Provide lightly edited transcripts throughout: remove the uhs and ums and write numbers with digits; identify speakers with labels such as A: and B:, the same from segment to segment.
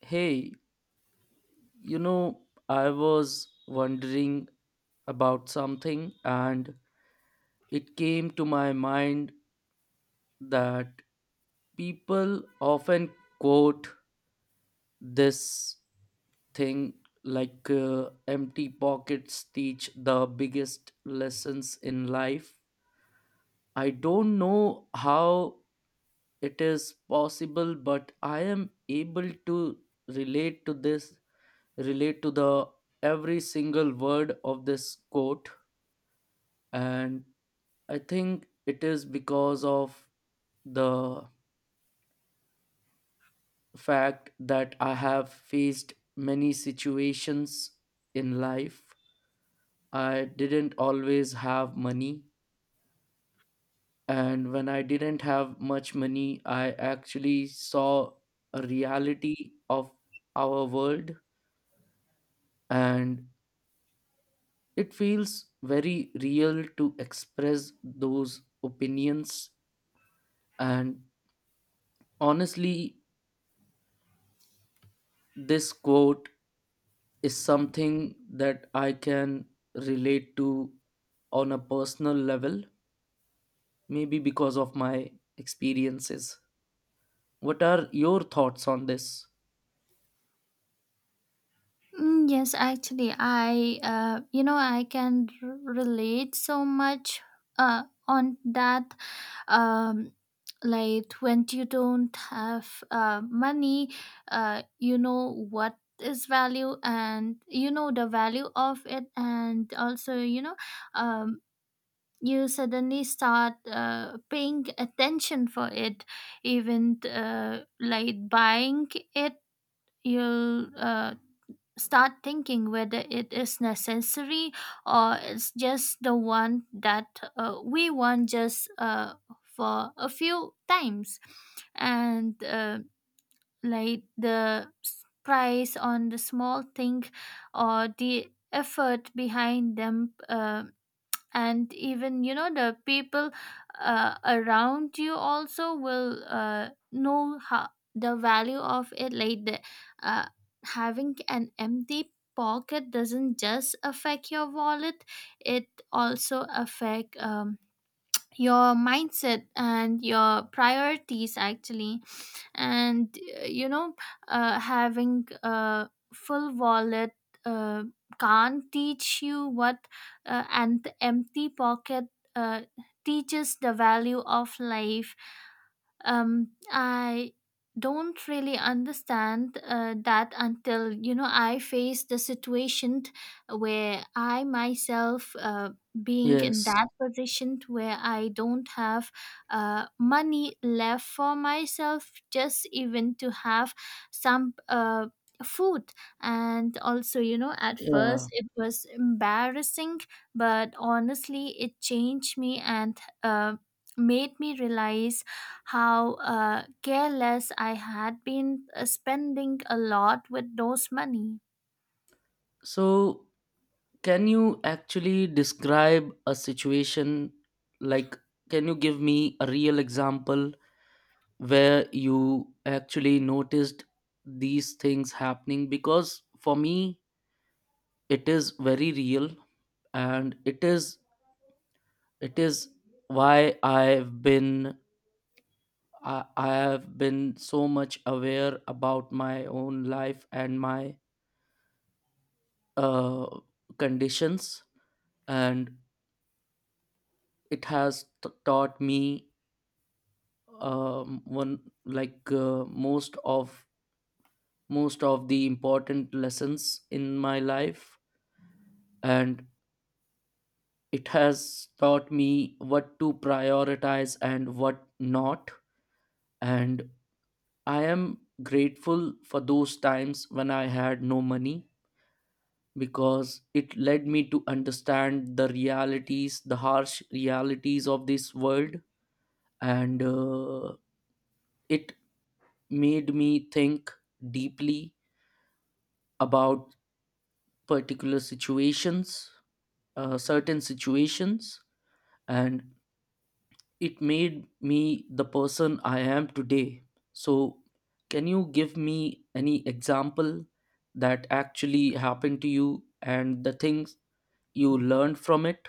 A: Hey, you know, I was wondering about something and it came to my mind that people often quote this thing like empty pockets teach the biggest lessons in life. I don't know how it is possible, but I am able to relate to this relate to the every single word of this quote and I think it is because of the fact that I have faced many situations in life. I didn't always have money. And when I didn't have much money, I actually saw a reality of our world. And it feels very real to express those opinions. And honestly, this quote is something that I can relate to on a personal level, maybe because of my experiences. What are your thoughts on this?
B: Mm, yes, actually, I I can relate so much uh, on that. Um, like when you don't have money, you know what is value, and you know the value of it. And also you know um, you suddenly start paying attention for it, even like buying it. You'll start thinking whether it is necessary or it's just the one that we want, just for a few times, and like the price on the small thing, or the effort behind them, and even you know the people around you also will know how, the value of it, like the, uh, having an empty pocket doesn't just affect your wallet, it also affect your mindset and your priorities actually. And you know, having a full wallet uh, can't teach you what an empty pocket uh, teaches the value of life. I don't really understand that until you know I face the situation where I myself being in
A: Yes.
B: that position where I don't have money left for myself, just even to have some food. And also you know, at first
A: Yeah.
B: it was embarrassing, but honestly it changed me and made me realize how careless I had been spending a lot with those money.
A: So, can you actually describe a situation like, can you give me a real example where you actually noticed these things happening? Because for me, it is very real and it is why I have been so much aware about my own life and my uh, conditions and it has taught me one like most of the important lessons in my life and it has taught me what to prioritize and what not and I am grateful for those times when I had no money because it led me to understand the realities, the harsh realities of this world, and it made me think deeply about particular situations, certain situations, and it made me the person I am today. So, can you give me any example that actually happened to you and the things you learned from it?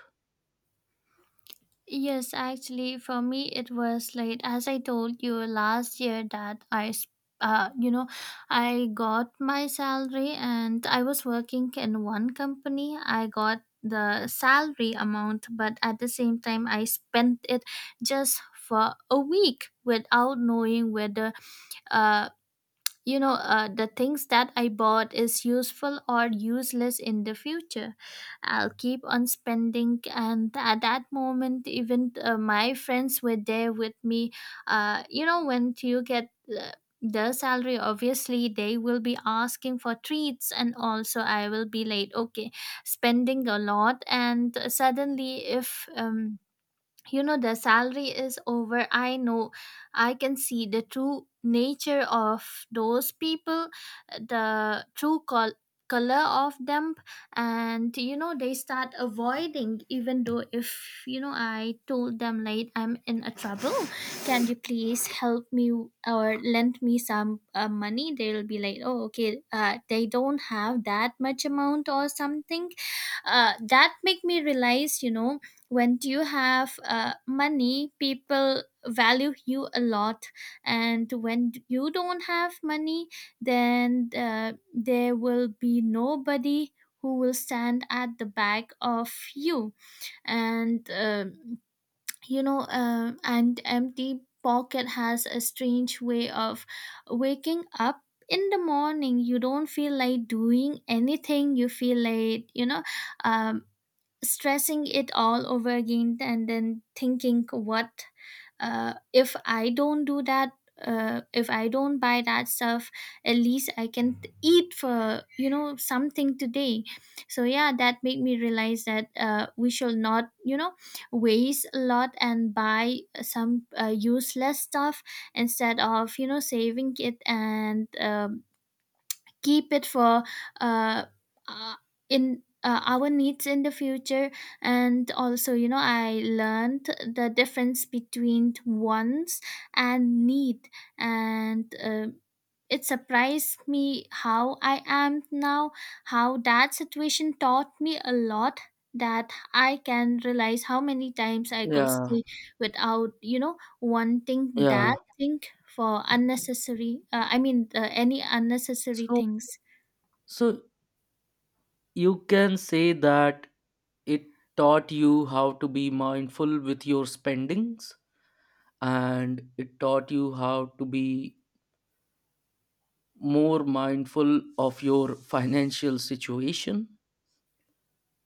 B: Yes, actually, for me, it was like, as I told you last year, that you know, I got my salary and I was working in one company. I got the salary amount, but at the same time, I spent it just for a week without knowing whether uh, you know the things that I bought is useful or useless in the future. I'll keep on spending, and at that moment even my friends were there with me. You know, when you get uh, the salary, obviously they will be asking for treats, and also I will be late, okay, spending a lot, and suddenly if you know the salary is over, I know I can see the true nature of those people, the color of them. And you know, they start avoiding, even though if you know I told them like I'm in a trouble, can you please help me or lend me some money, they'll be like, oh, okay, they don't have that much amount or something. That make me realize, you know, when you have money, people value you a lot, and when you don't have money, then there will be nobody who will stand at the back of you. And you know, and empty pocket has a strange way of waking up. In the morning you don't feel like doing anything, you feel like, you know, um, stressing it all over again, and then thinking what, if I don't do that, if I don't buy that stuff, at least I can eat for you know something today. So yeah, that made me realize that we should not you know waste a lot and buy some useless stuff instead of you know saving it and keep it for uh, uh, in our needs in the future. And also you know I learned the difference between wants and need. And it surprised me how I am now, how that situation taught me a lot, that I can realize how many times I could
A: Yeah,
B: stay without you know wanting that
A: yeah.
B: thing, for unnecessary, I mean any unnecessary
A: So,
B: things.
A: so, you can say that it taught you how to be mindful with your spendings and it taught you how to be more mindful of your financial situation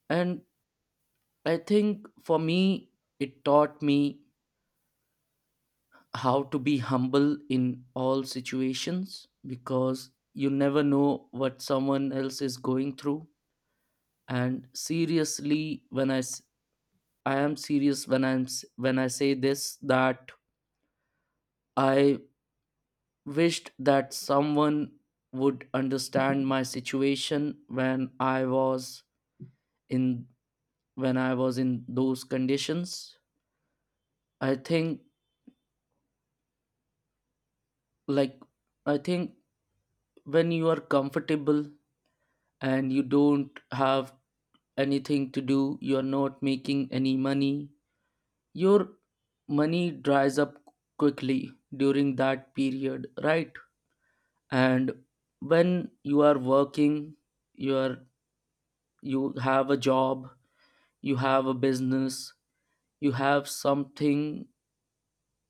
A: and I think for me, it taught me how to be humble in all situations because you never know what someone else is going through. And seriously, I am serious when when I say this that I wished that someone would understand my situation in when I was in those conditions. I think like I think when you are comfortable and you don't have anything to do, you are not making any money, your money dries up quickly during that period, right? And when you are working, you are you have a job, you have a business, you have something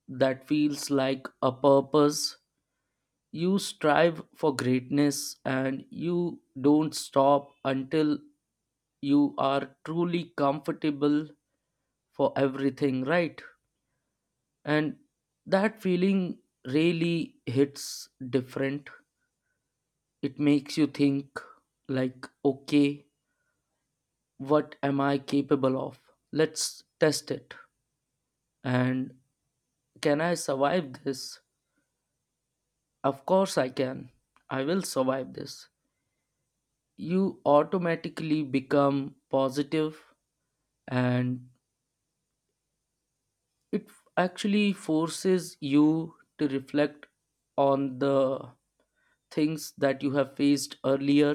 A: that feels like a purpose. You strive for greatness and you don't stop until you are truly comfortable for everything, right? And that feeling really hits different. It makes you think, like, okay, what am I capable of? Let's test it. And can I survive this? Of course, I can. I will survive this. You automatically become positive and it actually forces you to reflect on the things that you have faced earlier,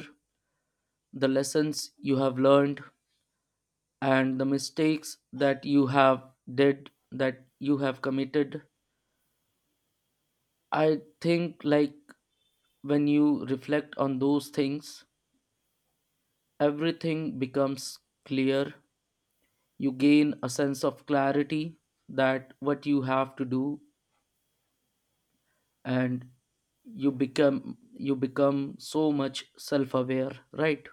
A: the lessons you have learned, and the mistakes that you have committed. I think like when you reflect on those things, everything becomes clear. You gain a sense of clarity that what you have to do, and you become so much self-aware, right?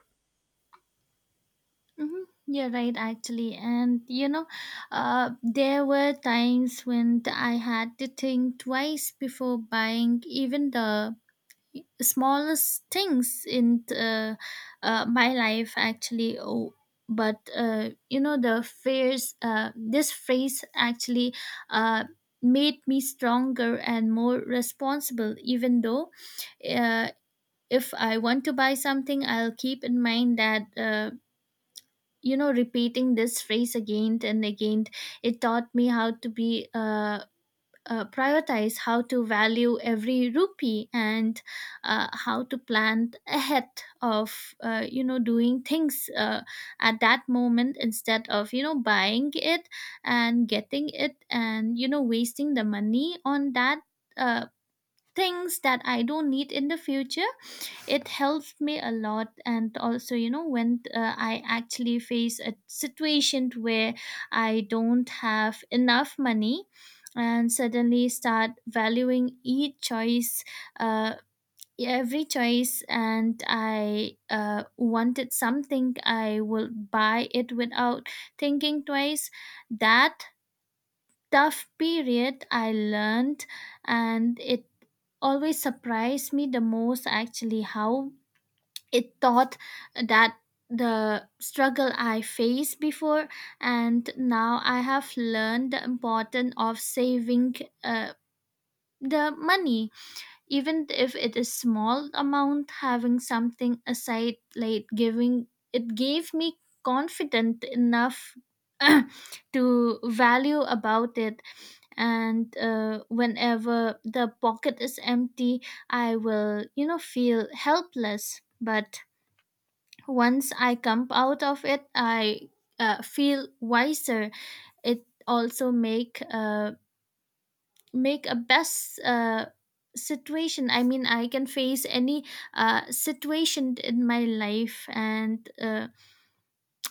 B: Mm-hmm. You're right, actually. And you know, there were times when I had to think twice before buying even the smallest things in my life, actually. Oh, but you know, the fears, this phrase actually uh, made me stronger and more responsible. Even though, uh, if I want to buy something, I'll keep in mind that. You know, repeating this phrase again and again, it taught me how to be, prioritize, how to value every rupee and how to plan ahead of you know doing things at that moment, instead of you know buying it and getting it and you know wasting the money on that uh, things that I don't need in the future. It helps me a lot. And also you know, when I actually face a situation where I don't have enough money and suddenly start valuing each choice, uh, every choice. And I wanted something, I will buy it without thinking twice. That tough period I learned, and it always surprised me the most actually, how it taught that. The struggle I faced before, and now I have learned the importance of saving uh, the money, even if it is small amount. Having something aside, like giving, it gave me confident enough to value about it. And whenever the pocket is empty, I will you know feel helpless, but once I come out of it, I feel wiser. It also make make a best situation. I mean, I can face any situation in my life. And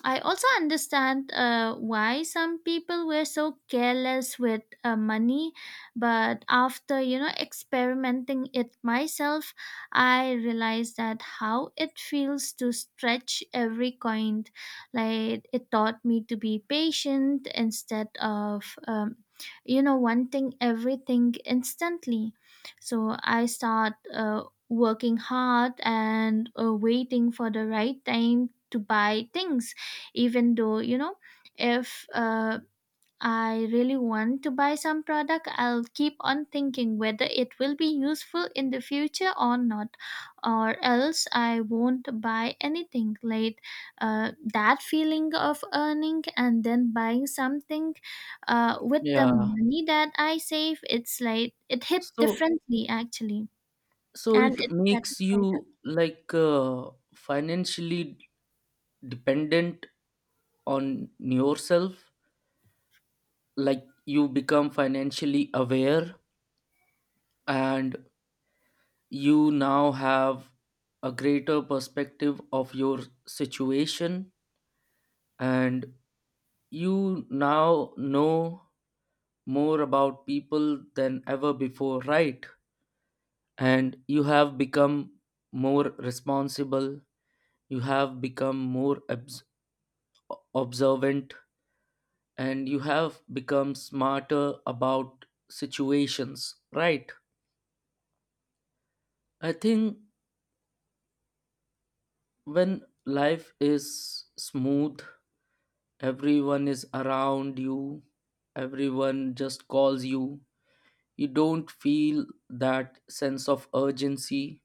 B: I also understand why some people were so careless with money, but after you know experimenting it myself, I realized that how it feels to stretch every coin. Like, it taught me to be patient instead of you know wanting everything instantly. So I start working hard and waiting for the right time to buy things. Even though you know, if I really want to buy some product, I'll keep on thinking whether it will be useful in the future or not, or else I won't buy anything. Like, that feeling of earning and then buying something with the
A: Yeah.
B: money that I save, it's like it hit
A: so
B: differently actually.
A: so
B: And
A: it
B: it's
A: makes
B: satisfied.
A: you like financially dependent on yourself, like you become financially aware and you now have a greater perspective of your situation, and you now know more about people than ever before, right? And you have become more responsible, you have become more obs- observant, and you have become smarter about situations, right? I think when life is smooth, everyone is around you, everyone just calls you, you don't feel that sense of urgency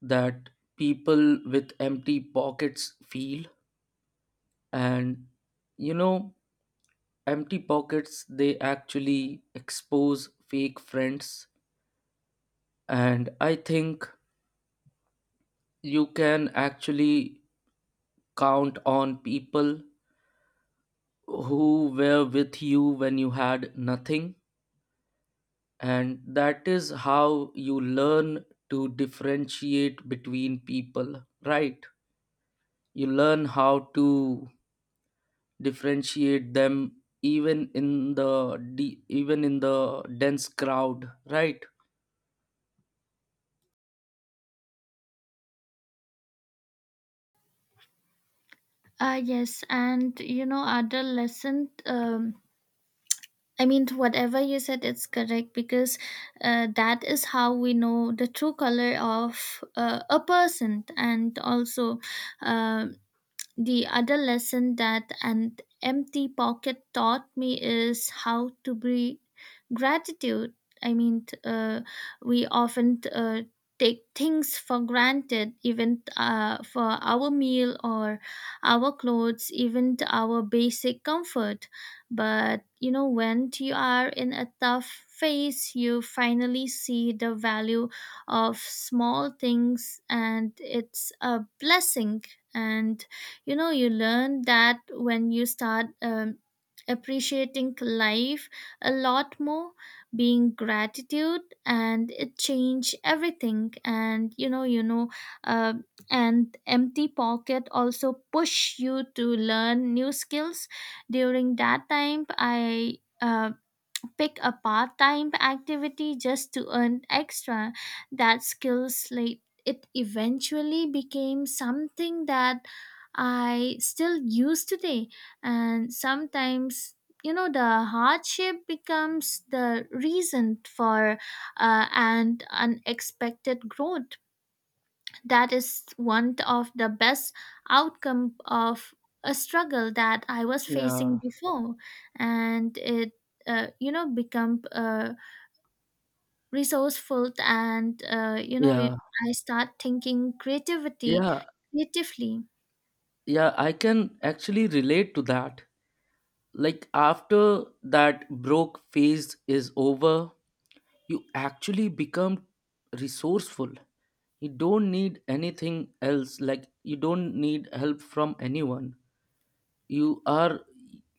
A: that people with empty pockets feel. And you know, empty pockets, they actually expose fake friends. And I think you can actually count on people who were with you when you had nothing, and that is how you learn to differentiate between people, right? You learn how to differentiate them, even even in the dense crowd, right?
B: Yes, and you know, other lesson, I mean, whatever you said, it's correct because that is how we know the true color of a person. And also, um the other lesson that an empty pocket taught me is how to be gratitude. I mean, we often take things for granted, even for our meal or our clothes, even to our basic comfort. But you know, when you are in a tough phase, you finally see the value of small things, and it's a blessing. And you know, you learn that when you start appreciating life a lot more, being gratitude, and it change everything. And you know uh, and empty pocket also push you to learn new skills. During that time I uh, pick a part time activity just to earn extra. That skill slate, it eventually became something that I still use today. And sometimes, you know, the hardship becomes the reason for and unexpected growth. That is one of the best outcome of a struggle that I was
A: Yeah,
B: facing before. And it you know become resourceful, and you know
A: yeah,
B: I start thinking creativity
A: yeah.
B: creatively.
A: Yeah, I can actually relate to that. Like, after that broke phase is over, you actually become resourceful. You don't need anything else. Like, you don't need help from anyone. You are,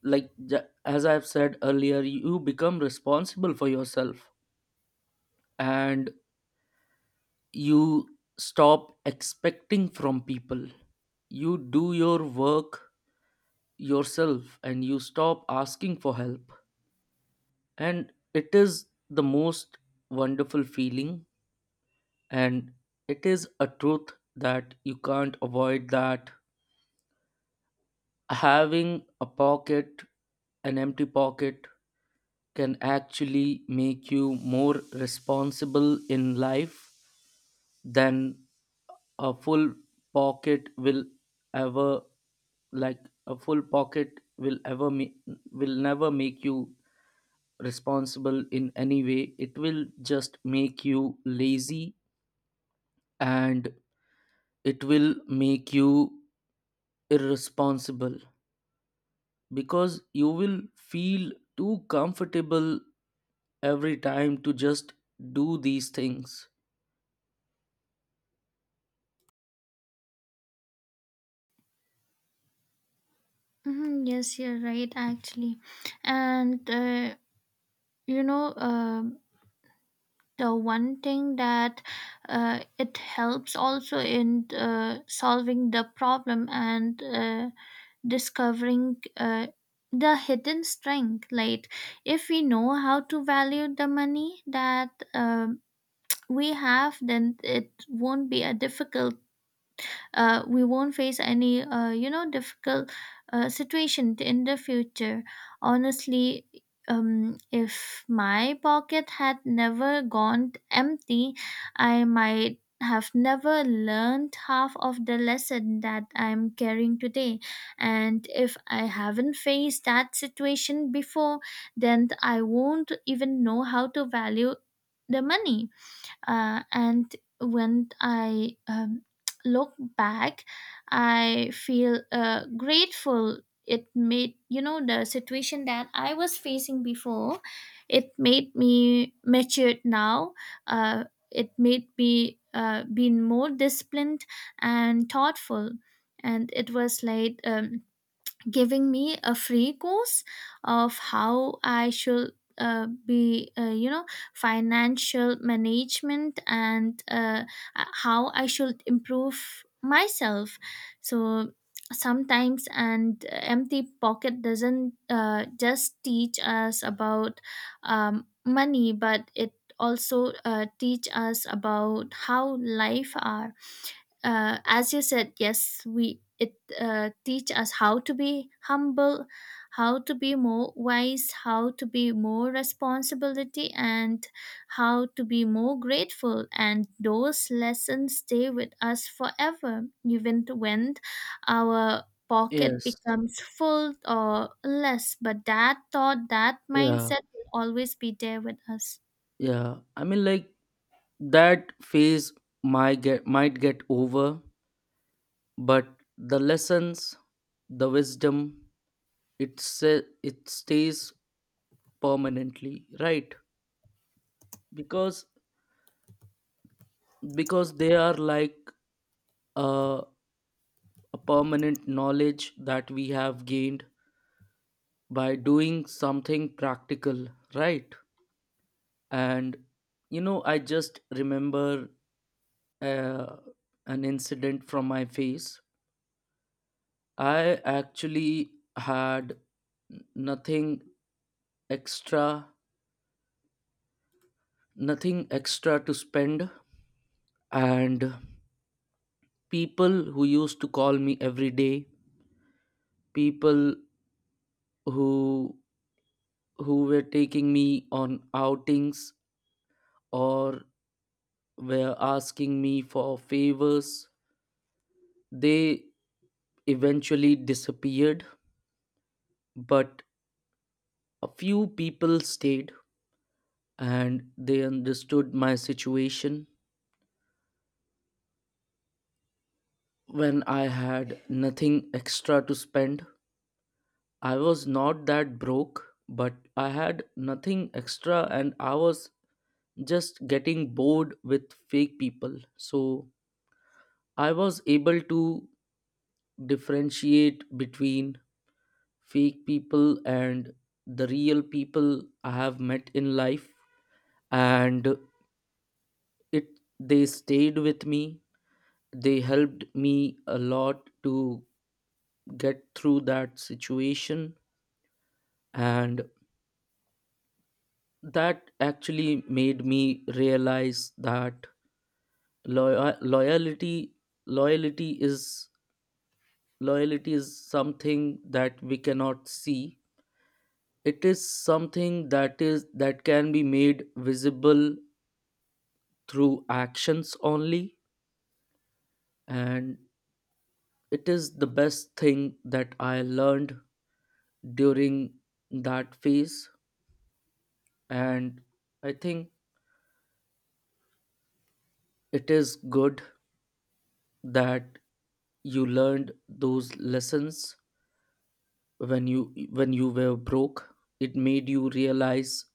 A: like, as I've said earlier, you become responsible for yourself and you stop expecting from people. You do your work yourself and you stop asking for help, and it is the most wonderful feeling. And it is a truth that you can't avoid that having a pocket an empty pocket can actually make you more responsible in life than a full pocket will ever, like a full pocket will ever will never make you responsible in any way. It will just make you lazy and it will make you irresponsible because you will feel too comfortable every time to just do these things.
B: Mm-hmm, yes, you're right, actually. And, you know, the one thing that it helps also in solving the problem and discovering the hidden strength. Like, if we know how to value the money that we have, then it won't be a difficult, we won't face any you know difficult situation in the future, honestly. If my pocket had never gone empty, I might have never learned half of the lesson that I'm carrying today. And if I haven't faced that situation before, then I won't even know how to value the money. And when I look back, I feel grateful. It made, you know, the situation that I was facing before, it made me matured now. uh, it made me being more disciplined and thoughtful. And it was like, giving me a free course of how I should be, you know, financial management, and how I should improve myself. So sometimes, and empty pocket doesn't just teach us about money, but it also teach us about how life are. As you said, yes, we, it teach us how to be humble, how to be more wise, how to be more responsibility, and how to be more grateful. And those lessons stay with us forever, even when our pocket
A: Yes.
B: becomes full or less. But that thought, that
A: Yeah.
B: mindset will always be there with us.
A: Yeah. I mean like that phase might get over, but the lessons, the wisdom, it it stays permanently, right? Because they are like a a permanent knowledge that we have gained by doing something practical, right? And you know, I just remember uh, an incident from my face. I actually had nothing extra, nothing extra to spend, and people who used to call me every day, people who who were taking me on outings or were asking me for favors. They eventually disappeared, but a few people stayed and they understood my situation. When I had nothing extra to spend, I was not that broke, but I had nothing extra and I was just getting bored with fake people. So I was able to differentiate between fake people and the real people I have met in life, and it they stayed with me, they helped me a lot to get through that situation. And that actually made me realize that loy- loyalty loyalty is loyalty is something that we cannot see, it is something that is that can be made visible through actions only. And it is the best thing that I learned during that phase. And I think it is good that you learned those lessons when you were broke. It made you realize,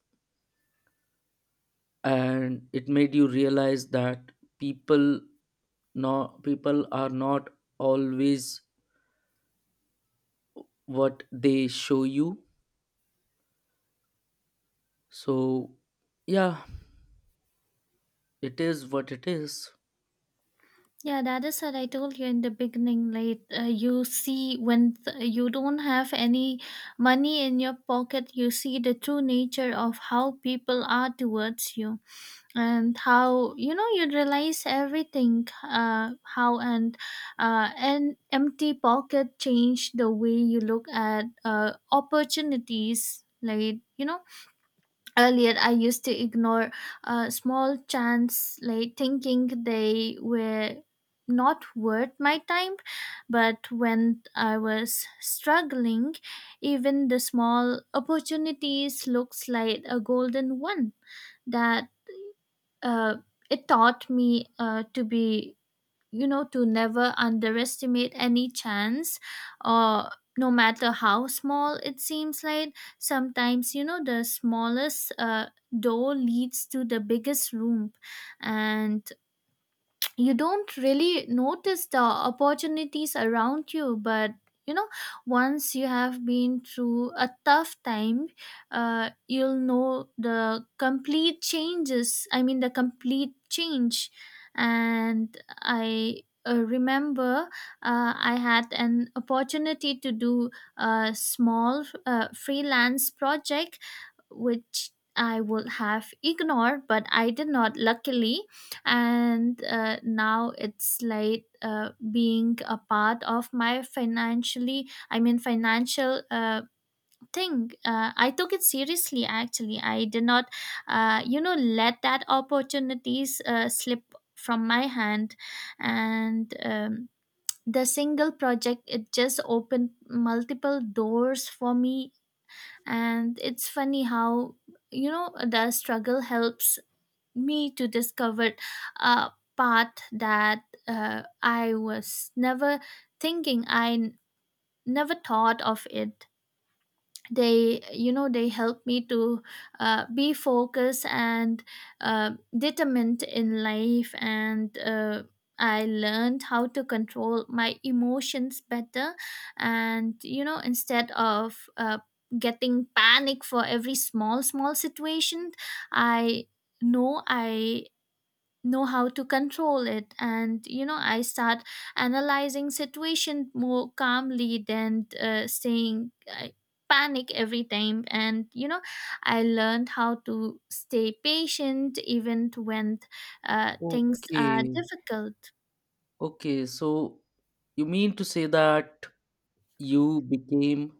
A: and it made you realize that people people are not always what they show you. So, yeah. It is what it is.
B: Yeah, that is what I told you in the beginning. Like, you see, when you don't have any money in your pocket, you see the true nature of how people are towards you, and how, you know, you realize everything, how. And an empty pocket change the way you look at opportunities. Like, you know, earlier I used to ignore small chance, like thinking they were not worth my time. But when I was struggling, even the small opportunities looks like a golden one. That uh, it taught me to be, you know, to never underestimate any chance, or no matter how small it seems. Like, sometimes you know the smallest door leads to the biggest room. And you don't really notice the opportunities around you, but you know, once you have been through a tough time, you'll know the complete changes, I mean the complete change. And I remember, I had an opportunity to do a small freelance project, which I would have ignored, but I did not, luckily. And now it's like being a part of my financially, I mean financial thing. I took it seriously actually, I did not you know let that opportunities slip from my hand. And the single project, it just opened multiple doors for me. And it's funny how you know the struggle helps me to discover a path that I was never thinking. I never thought of it. They, you know, they helped me to be focused and determined in life. And I learned how to control my emotions better. And you know, instead of getting panic for every small situation, I I know how to control it. And you know, I start analyzing situation more calmly than saying I panic every time. And you know I learned how to stay patient even when things are
A: Okay.
B: difficult.
A: Okay. So you mean to say that you became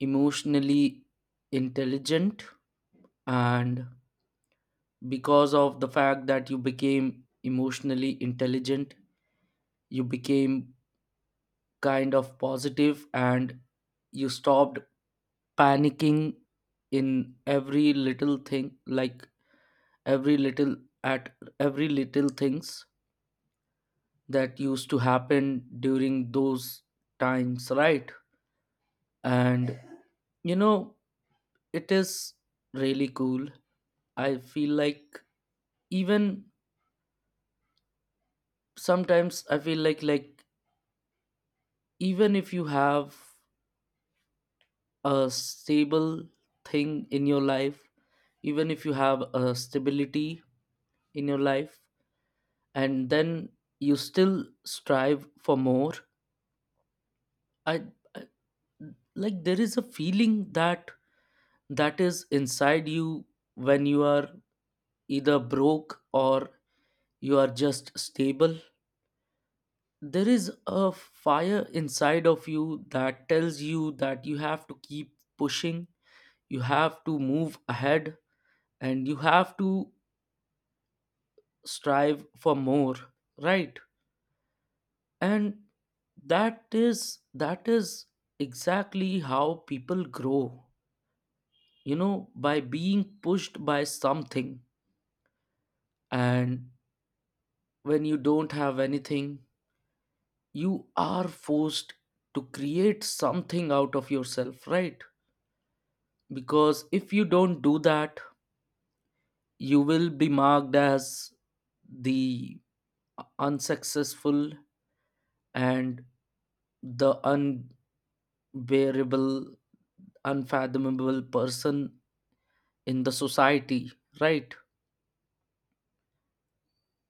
A: emotionally intelligent, and because of the fact that you became emotionally intelligent, you became kind of positive and you stopped panicking in every little thing, like every little at every little things that used to happen during those times, right? And you know, it is really cool. I feel like even sometimes I feel like even if you have a stable thing in your life, even if you have a stability in your life and then you still strive for more, I, I like there is a feeling that is inside you when you are either broke or you are just stable. There is a fire inside of you that tells you that you have to keep pushing, you have to move ahead, and you have to strive for more, right? And that is exactly how people grow, you know, by being pushed by something. And when you don't have anything, you are forced to create something out of yourself, right? Because if you don't do that, you will be marked as the unsuccessful and the unbearable, unfathomable person in the society, right?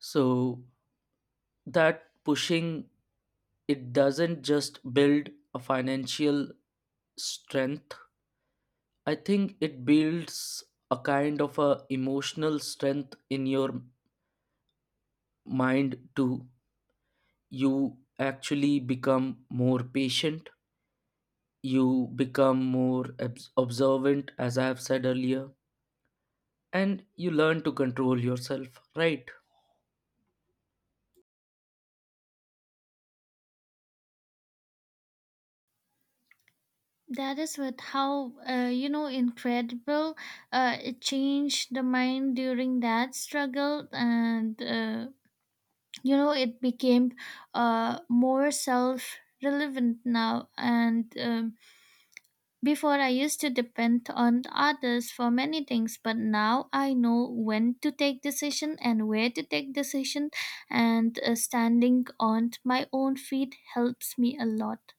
A: So that pushing, it doesn't just build a financial strength, I think it builds a kind of a emotional strength in your mind too. You actually become more patient. You become observant, as I have said earlier, and you learn to control yourself, right?
B: That is what, how you know incredible it changed the mind during that struggle. And you know, it became more self relevant now. And before I used to depend on others for many things, but now I know when to take decision and where to take decision. And standing on my own feet helps me a lot.